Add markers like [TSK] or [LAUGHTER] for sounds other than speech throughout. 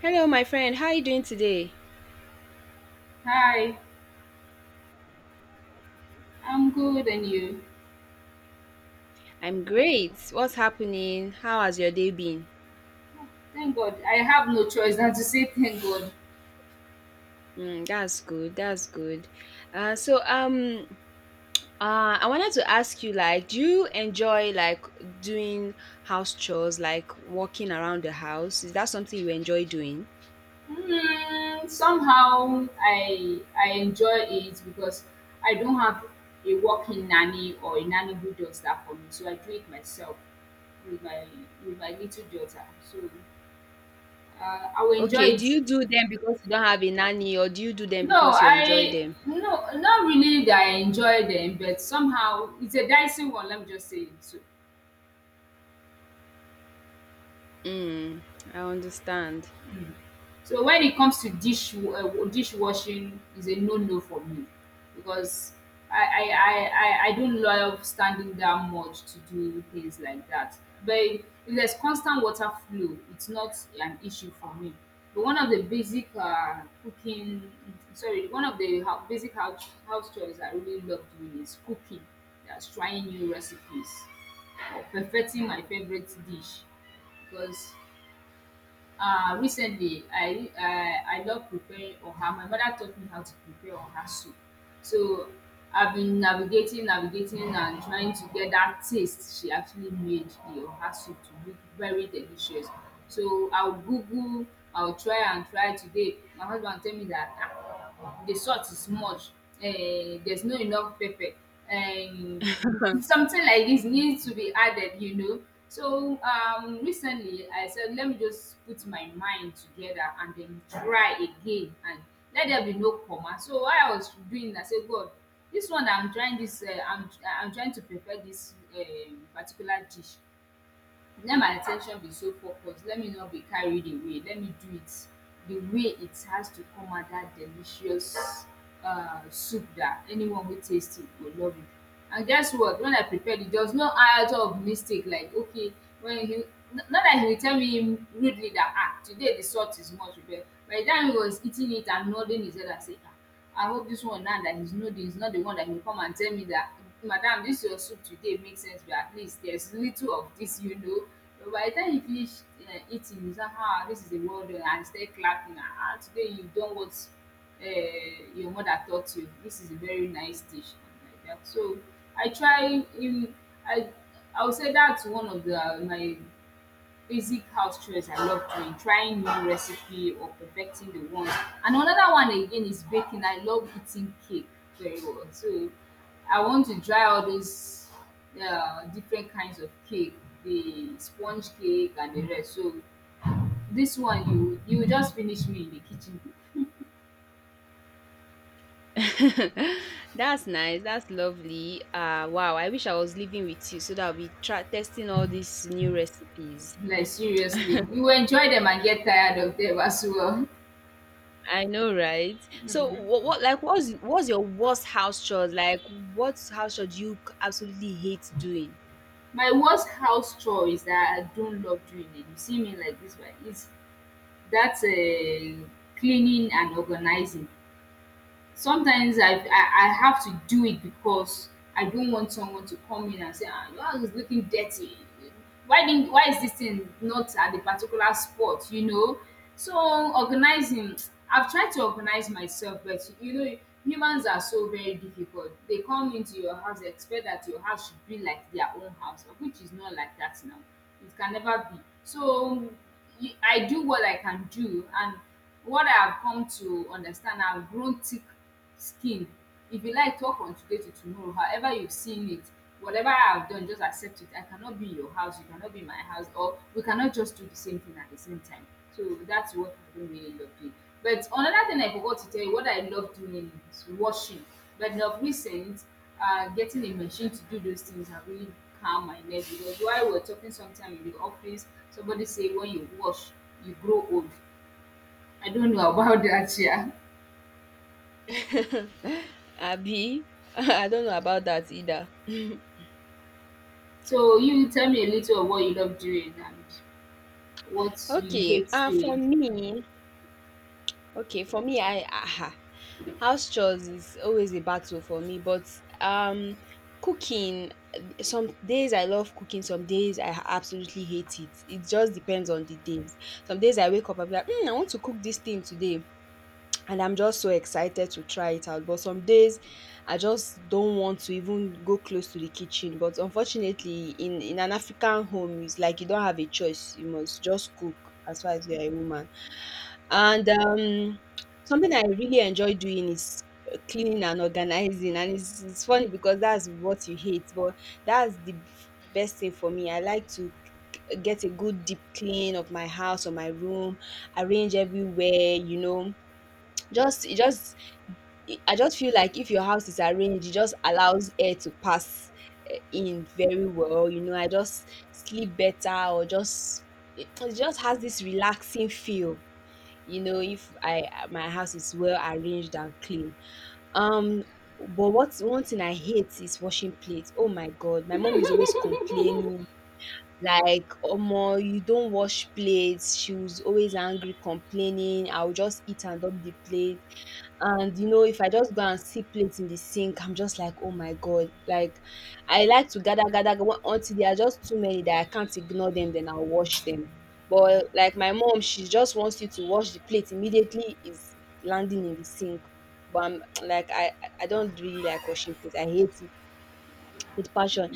Hello, my friend. How are you doing today? Hi, I'm good and you? I'm great. What's happening? How has your day been? Thank God. I have no choice than to say thank God. Mm, that's good. That's good. Uh, so um, I wanted to ask you, do you enjoy doing house chores, like walking around the house? Is that something you enjoy doing? Hmm, somehow I enjoy it because I don't have a working nanny or a nanny who does that for me. So I do it myself with my with my little daughter. So I will enjoy Okay. Do it. you do them because you don't have a nanny, or do you do them No, because you enjoy I them? no, not really that I enjoy them, but somehow it's a dicey one, let me just say it. So, Mm, I understand. so when it comes to dishwashing is a no-no for me because I don't love standing down much to do things like that. But if there's constant water flow, it's not an issue for me. But one of the one of the basic house chores I really love doing is cooking. That's trying new recipes or perfecting my favorite dish because recently, I love preparing oha. My mother taught me how to prepare oha soup. So I've been navigating and trying to get that taste she actually made the oha soup to look very delicious. So I'll Google, I'll try and try today. My husband tell me that ah, the salt is much, uh, there's no enough pepper. And something like this needs to be added, so recently I said, let me just put my mind together and then try again, and let there be no comma. So while I was doing, I said, God, this one I'm trying, this I'm trying to prepare this particular dish. Let my at ten tion be so focused, let me not be carried away, let me do it the way it has to come out, that delicious soup that anyone who tastes it will love it. And guess what, when I prepared it, there was no iota of mistake. Like, okay, when he, not that he will tell me im rudely that ah, today the salt is much, but by the time he was eating it and nodding his head, I say, ah, I hope this one now that he's know this, he's not the one that will come and tell me that, Madam, this your soup today makes sense, but at least there's little of this, you know. But by the time you finish eating, you say, ah, this is a well done, and start clapping. Ah, ah, today you've done what your mother taught you. This is a very nice dish. And like that. So I try, I, I would say that's one of my basic house chores I love doing, trying new recipe or perfecting the one. And another one again is baking. I love eating cake very well. So I want to try all these different kinds of cake, the sponge cake and the rest. So this one you will just finish me in the kitchen. [LAUGHS] That's nice. That's lovely. Wow. I wish I was living with you so that I'll be try testing all these new recipes. Like, seriously. You will enjoy them and get tired of them as well. I know, right? So, what's your worst house chores? Like, what house chore do you absolutely hate doing? My worst house chore is that I don't love doing it. You see me like this, right? It's that's a cleaning and organizing. Sometimes I, I have to do it because I don't want someone to come in and say, ah, your house is looking dirty. Why is this thing not at the particular spot? You know. So organizing, [TSK] I've tried to organize myself, but you know, humans are so very difficult. They come into your house, they expect that your house should be like their own house, which is not like that now. It can never be. So I do what I can do. And what I've come to understand, I've grown thick skin. If you like, talk from today to tomorrow. However you've seen it, whatever I've done, just accept it. I cannot be in your house, you cannot be in my house, or we cannot just do the same thing at the same time. So that's what I don't really love doing. But another thing I forgot to tell you, what I love doing is washing. But of recent, getting a machine to do those things have really calmed my nerves, because while we're talking sometime in the office, somebody say when you wash, you grow old. I don't know about [LAUGHS] that, yeah. [LAUGHS] Abby, [LAUGHS] I don't know about that either. So you tell me a little of what you love doing and what you Okay. hate Uh, for doing. me, Okay, for me, I aha, house chores is always a battle for me. But um, cooking, some days I love cooking, some days I absolutely hate it. It just depends on the days. Some days I wake up, I be like, mm, I want to cook this thing today, and I'm just so excited to try it out. But some days I just don't want to even go close to the kitchen. But unfortunately, in an African home, it's like you don't have a choice. You must just cook as far as you're a woman. And something I really enjoy doing is cleaning and organizing. And it's funny because that's what you hate, but that's the b- best thing for me. I like to get a good deep clean of my house or my room, arrange everywhere, you know. [TSK] Just, it just, I just feel like if your house is arranged, it just allows air to pass in very well. You know, I just sleep better, or it just has this relaxing feel, you know. If i my house is well arranged and clean, um but what one thing I hate is washing plates. Oh my god, my mom is always complaining. Like, omo, you don't wash plates. She was always angry, complaining. I will just eat and dump the plate, and you know, if I just go and see plates in the sink, I'm just like, oh my god. Like, I like to gather go until there are just too many that I can't ignore them, then I'll wash them. But like, my mom, she just wants you to wash the plate immediately it's landing in the sink. But I'm like, I don't really like washing plates. I hate it with passion.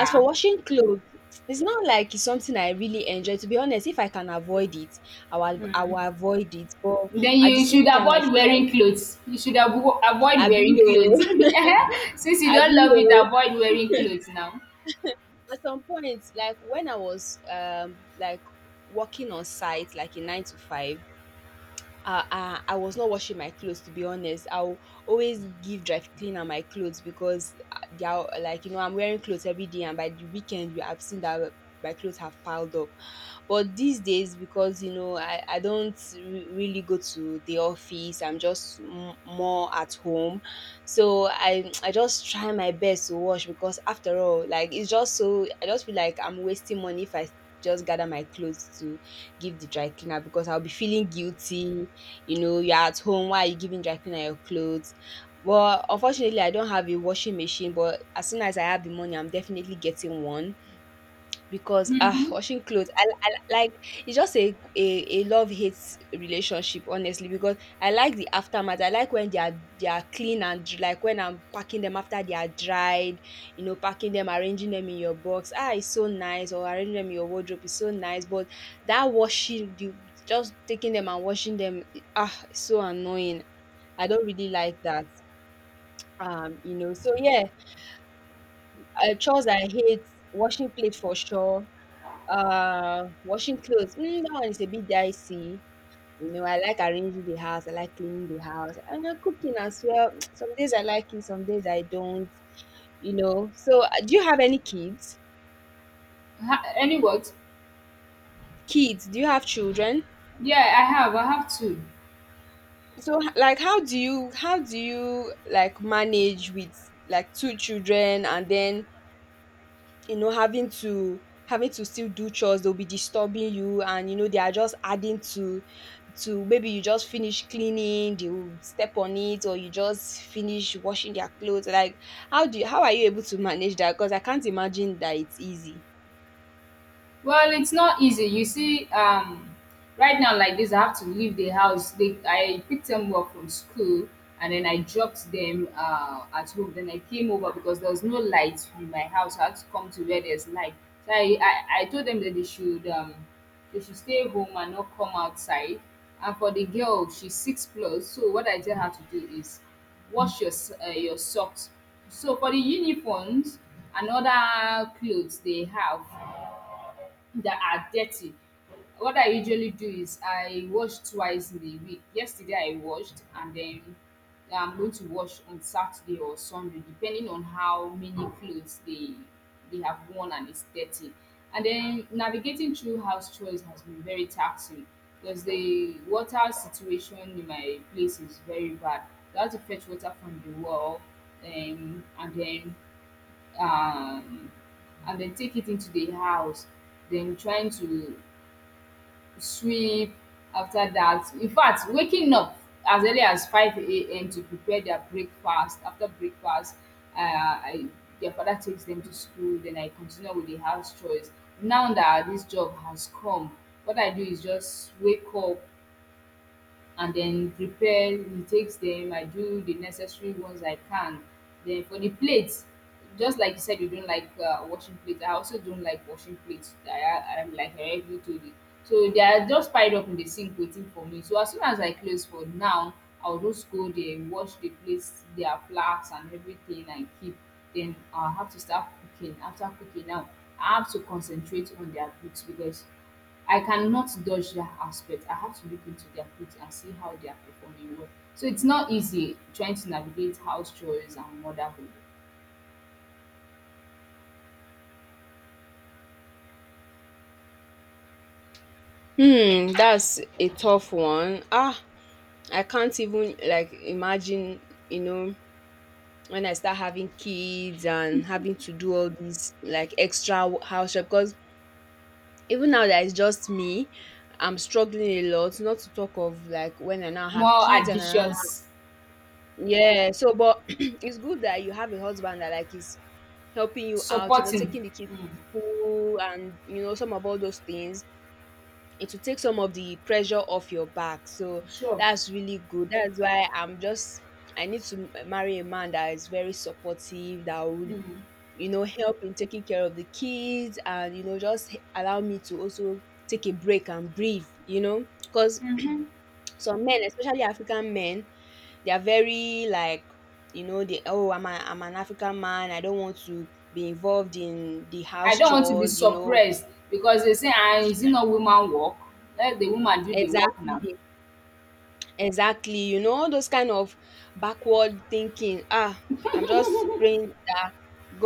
As for washing clothes, it's not like it's something I really enjoy, to be honest. If I can avoid it, I will avoid it. But Then at the you should same time, I avoid feel like, wearing clothes. You should avoid abi wearing o, clothes. [LAUGHS] Eh-heh. Since you don't abi love it, oo! avoid wearing clothes now. At some point, like when I was like working on site, like in 9 to 5, I was not washing my clothes, to be honest. I'll always give dry cleaner my clothes because they are like, you know, I'm wearing clothes every day, and by the weekend you have seen that my clothes have piled up. But these days, because you know, I don't really go to the office. I'm just more at home, so I just try my best to wash because after all, like, it's just, so I just feel like I'm wasting money if I just gather my clothes to give the dry cleaner, because I'll be feeling guilty, you know. You're at home, why are you giving dry cleaner your clothes? Well, unfortunately, I don't have a washing machine, but as soon as I have the money, I'm definitely getting one, because ah, Mm-hmm. washing clothes, I like, it's just a love hate relationship, honestly, because I like the aftermath. I like when they are clean and like when I'm packing them after they are dried. You know, packing them, arranging them in your box, ah, it's so nice. Or arranging them in your wardrobe is so nice. But that washing, you just taking them and washing them, ah, it's so annoying. I don't really like that. So yeah, chores I hate: washing plate for sure, washing clothes, mm, that one is a bit dicey. You know, I like arranging the house. I like cleaning the house, and cooking as well. [TSK] Some days I like it, some days I don't. You know. So, do you have any kids? Ha- any what? Kids? Do you have children? Yeah, I have. I have 2. So, how do you like manage with like two children, and then you know, having to still do chores? They'll be disturbing you, and you know, they are just adding to maybe you just finish cleaning, they will step on it, or you just finish washing their clothes. Like, how are you able to manage that? Because I can't imagine that it's easy. Well, it's not easy. You see, right now like this, I have to leave the house. They, I picked them up from school, and then I dropped them at home. Then I came over because there was no light in my house. I had to come to where there's light. So I told them that they should stay home and not come outside. And for the girl, she's 6 plus. So what I tell her to do is wash your your socks. So for the uniforms and other clothes they have, that are dirty. What I usually do is I wash twice in a week. Yesterday I washed, and then yeah, I'm going to wash on Saturday or Sunday, depending on how many clothes they have worn and it's dirty. And then navigating through house chores has been very taxing because the water situation in my place is very bad. I have to fetch water from the well, um, and then um, and then take it into the house, then trying to sweep after that. In fact, waking up as early as 5 a.m. to prepare their breakfast. After breakfast, uh, I, their father takes them to school, then I continue with the house chores. Now that this job has come, what I do is just wake up, and then prepare. He takes them, I do the necessary ones I can. Then for the plates, just like you said you don't like washing plates, I also don't like washing plates. I'm like heavy to it. So they are just piled up in the sink waiting for me. So as soon as I close for now, I'll just go there, wash the plates, their flags and everything, and keep. Then I'll have to start cooking. After cooking, now I have to concentrate on their books, because I cannot dodge that aspect. I have to look into their clothes and see how they are performing well. So it's not easy trying to navigate house chores and motherhood. Hmm, that's a tough one. Ah, I can't even like imagine, you know, when I start having kids and having to do all these like extra house chores, because even now that it's just me, I'm struggling a lot, not to talk of like when I now have More kids and I now have. additions, Yeah, so but [CLEARS THROAT] it's good that you have a husband that like is helping you out, you know, supporting. taking the kids Mm, to school and you know, some of all those things. It will take some of the pressure off your back. So sure. that's really good. That's why I'm just, I need to marry a man that is very supportive, that would, Mm, you know, help in taking care of the kids and, you know, just allow me to also take a break and breathe, you know, because mhm. some men, especially African men, they are very like, you know, they, oh, I'm an African man. I don't want to be involved in the I house don't want to be chores, you know. suppressed, because they say, ah, is it not woman work? Let the woman do the work now. Exactly. Exactly, you know, those kind of backward thinking. Ah, I'm just praying that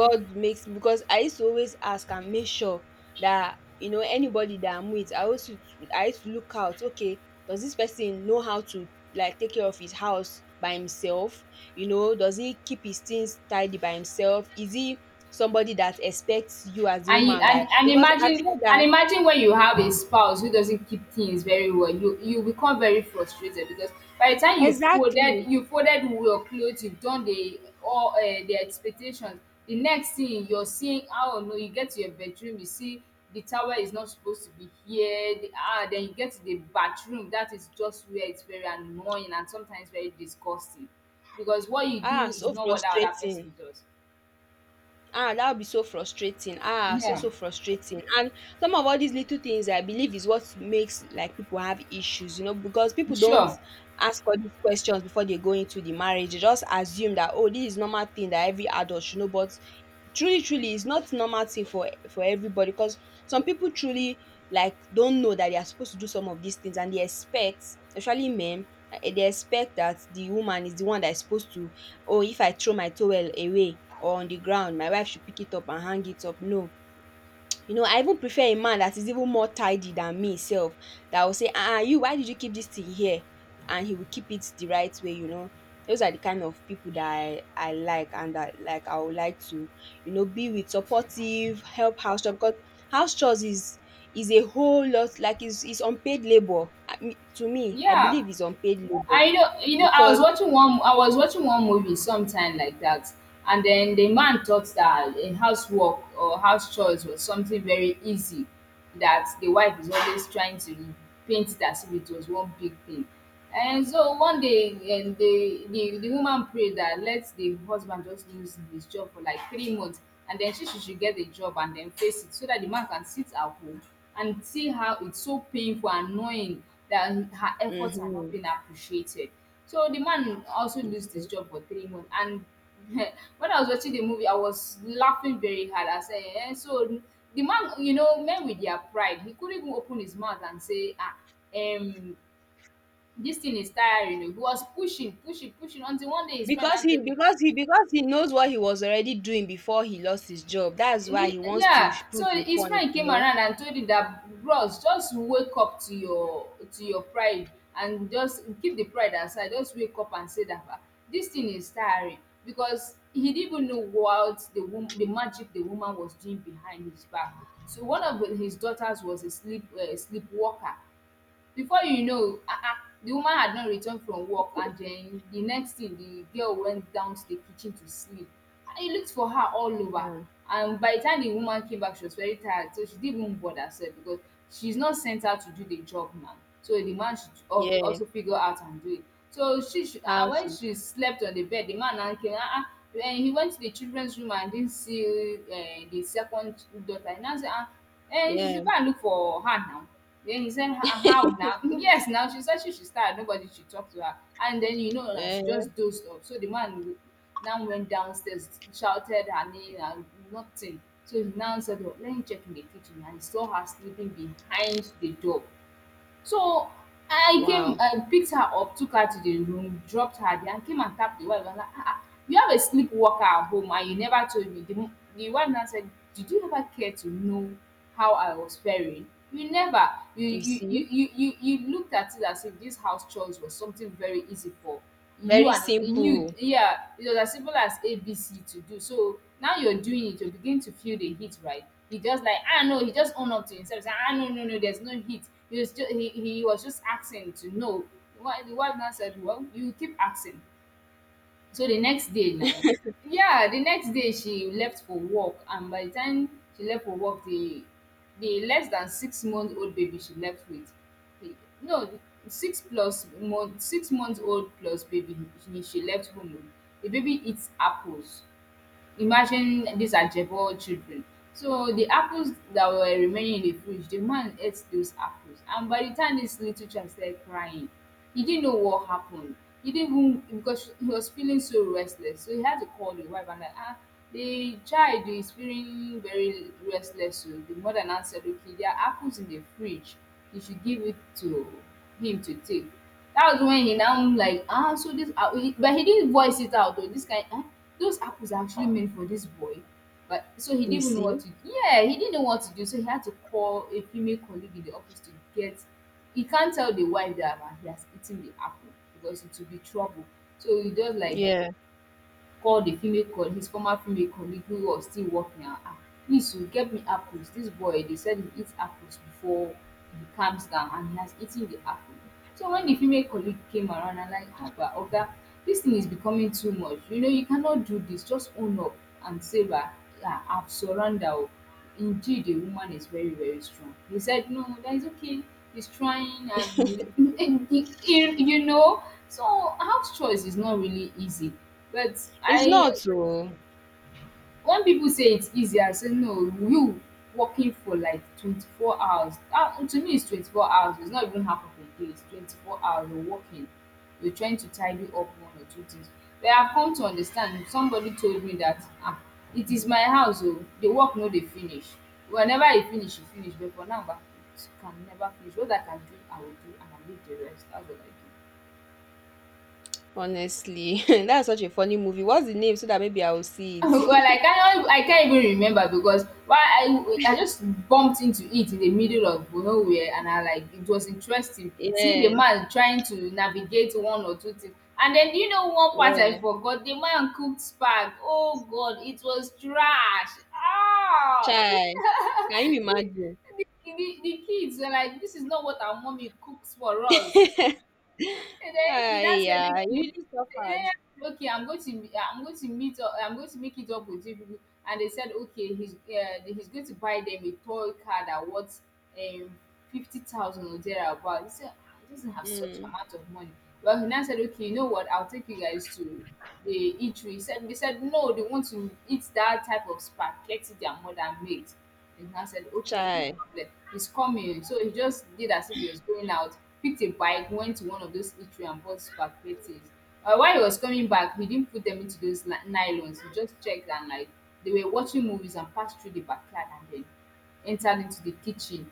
God makes, because I used to always ask and make sure that you know, anybody that I'm with, I used to look out, okay, does this person know how to like take care of his house by himself? You know, does he keep his things tidy by himself? Is he somebody that expects you as a And you woman, and that and because I've imagine, heard that when you have a spouse who doesn't keep things very well, you become very frustrated, because by the time exactly. you folded your clothes, you've done the all the expectations, the next thing you're seeing, how? No, you get to your bedroom, you see the towel is not supposed to be here, the ah, then you get to the bathroom, that is just where it's very annoying and sometimes very disgusting, because what you Ah, do is so not what the other frustrating. person does. Ah, that would be so frustrating. Ah, Yeah, so frustrating. And some of all these little things, I believe, is what makes like people have issues, you know, because people don't sure. ask all these questions before they go into the marriage. They just assume that, oh, this is normal thing that every adult should know. But truly, truly, it's not normal thing for everybody, because some people truly like don't know that they are supposed to do some of these things, and they expect, especially men, eh, they expect that the woman is the one that is supposed to, oh, if I throw my towel away or on the ground, my wife should pick it up and hang it up. No, you know, I even prefer a man that is even more tidy than me self, that will say, ah, you, why did you keep this thing here? And he will keep it the right way, you know. Those are the kind of people that I like, and that like I would like to, you know, be with. Supportive, help house chores, because house chores is a whole lot. It's unpaid labor, I mean. To me, I Yeah. believe it's unpaid labor I know, you know, I was because watching I was watching one movie sometime like that, and then the man thought that housework or house chores was something very easy, that the wife is always trying to paint it as if it was one big thing. And so one day, and the woman prayed that let the husband just lose his job for like 3 months, and then she should get a job and then face it, so that the man can sit at home and see how it's so painful and annoying that her efforts are not mm-hmm. being appreciated. So the man also lost his job for 3 months. And [LAUGHS] when I was watching the movie, I was laughing very hard. I said, eh, so the man, you know, men with their pride, he couldn't even open his mouth and say, ah, um, this thing is tiring. He was pushing until one day his friend Because now told him, he knows what he was already doing before he lost his job, that's why Ye he wants to yeah, prove so a his point, friend you came know. around and told him that, "Bros, just wake up to your pride and just keep the pride aside. Just wake up and say that, ah, this thing is tiring." Because he didn't even know what the magic the woman was doing behind his back. So one of his daughters was a sleepwalker. Before you know, the woman had not returned from work, and then the next thing, the girl went down to the kitchen to sleep. And he looked for her all over. Mm. And by the time the woman came back, she was very tired, so she didn't even bother herself, because she's not sent out to do the job now. So the man should Yeah. also figure out and do it. So she, should, How and when to. she slept on the bed, the man now came. Then he went to the children's room and didn't see the second daughter. He now said, she Yeah. should go and look for her now. Then he said, "Ah, how now?" [LAUGHS] Yes, now she said she should start. Nobody should talk to her. And then, now Yeah. she just dozed off. So the man now went downstairs, shouted her name, and nothing. So he now said, oh, let me check in the kitchen. And he saw her sleeping behind the door. So I came, Wow. I picked her up, took her to the room, dropped her there, and came and tapped the wife. And like, you have a sleepwalker at home and you never told me. The wife now said, "Did you ever care to know how I was faring? You never. You You you, you, see. you, you you looked at it as if this house chores was something very easy for you, Very and in you, simple. yeah, it was as simple as ABC to do. So now you're doing it, you begin to feel the heat, right?" He just like, no, he just own up to himself, say, no, no, no, there's no heat. He was just asking to know. The wife now said, well, you keep asking. So the next day now, yeah, the next day she left for work, and by the time she left for work, the less than 6-month old baby she left with, the- no, 6-month old plus baby she left home with. The baby eats apples. Imagine these are Jebo children. So the apples that were remaining in the fridge, the man ate those apples. And by the time this little child started crying, he didn't know what happened. He didn't, even because he was feeling so restless. So he had to call the wife and like, the child is feeling very restless. So the mother now said, okay, there are apples in the fridge. You should give it to him to take. That was when he now like, so this, but he didn't voice it out, though. This kind, those apples are actually meant for this boy. But so he You didn't even know what see. to yeah, he didn't know what to do. So he had to call a female colleague in the office to get. He can't tell the wife that, he has eaten the apple, because it will be trouble. So he just like, Yeah, call di female col his former female colleague wey was still working, and ask, "Please o, get me apples, dis boy dey sell, dey eat apples before he calms down, and he has eaten the apple." So wen di female colleague came around, na like, haba oga, dis thing is becoming too much, you know, you cannot do dis, just own up and say na absconder o. Indeed, a woman is very, very strong. He said, no, that is okay. He's trying, and you, [LAUGHS] and you know. So house chores is not really easy. But it's not I, so. when people say it's easy, I say no, you working for like 24 hours. To me, it's 24 hours. It's not even half of a day. It's 24 hours. You're working. You're trying to tidy up one or two things. But I've come to understand. Somebody told me that, it is my house. Oh, the work no dey finish. Whenever e finish, e finish. But for now, bah, it can never finish. What I can do, I will do, and I leave the rest. That's what I do. Honestly, [LAUGHS] that's such a funny movie. What's the name so that maybe I will see [LAUGHS] Well, I it? can't. I can't even remember, because why, I just bumped into it in the middle of nowhere, and I like it was interesting [LAUGHS] seeing the Yeah. man trying to navigate one or two things. And then one part Yeah. I forgot? The man cooked spag. Oh god, it was trash. Chai. Can you [LAUGHS] the, imagine? the, the kids were like, this is not what our mommy cooks for us. And then Ah, you now said, yeah, you okay, really suffered. I'm going to I'm going to meet up, I'm going to make it up with you people. And they said, okay, he's going to buy them a toy car that worth um 50,000 or thereabout. He said, I doesn't have such Mm. amount of money. Well, he now said, okay, you know what? I'll take you guys to the eatery. He said, they said no, they want to eat that type of spaghetti their mother made. And I said, okay, no Chai. problem. He's coming. So he just did as if he was going out, picked a bike, went to one of those eatery and bought spaghettis. While he was coming back, he didn't put them into those nylons. He just checked, and like they were watching movies, and passed through the backyard and then entered into the kitchen,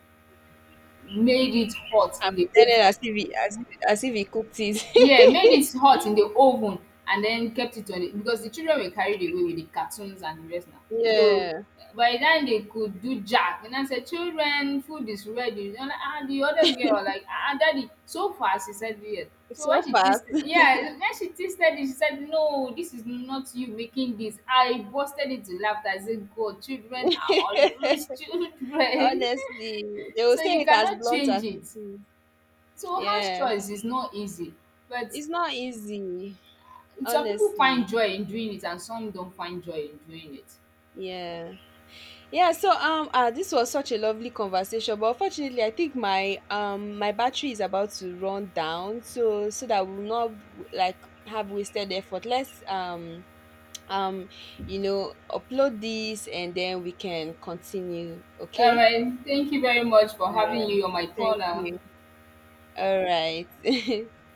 made it hot I in the pretended oven. as if he, as if he cooked Yeah, made it. it hot in the oven, and then kept it on it because the children were carried away with the cartoons and the rest now. [LAUGHS] So, Yeah, by then they could do jack, and I said, "Children, food is ready." And, the other girl like, "Ah, daddy, so fast," she said, "Yes." it's So so when she tasted fast. yeah, when she tasted it, she said, "No, this is not you making this." I bursted into laughter. I said, "God, children are always [LAUGHS] [LAUGHS] children." Honestly, they will So say you it as cannot blunt as change it. it is. So house Yeah, choice is not easy, but it's not easy. some people find Honestly, joy in doing it, and some don't find joy in doing it. yeah. Yeah. So this was such a lovely conversation, but unfortunately, I think my my battery is about to run down. So so that we'll not like have wasted effort. Let's um you know, upload this and then we can continue, All okay. right. Thank you very much for having you on my Thank corner. you. All right. [LAUGHS]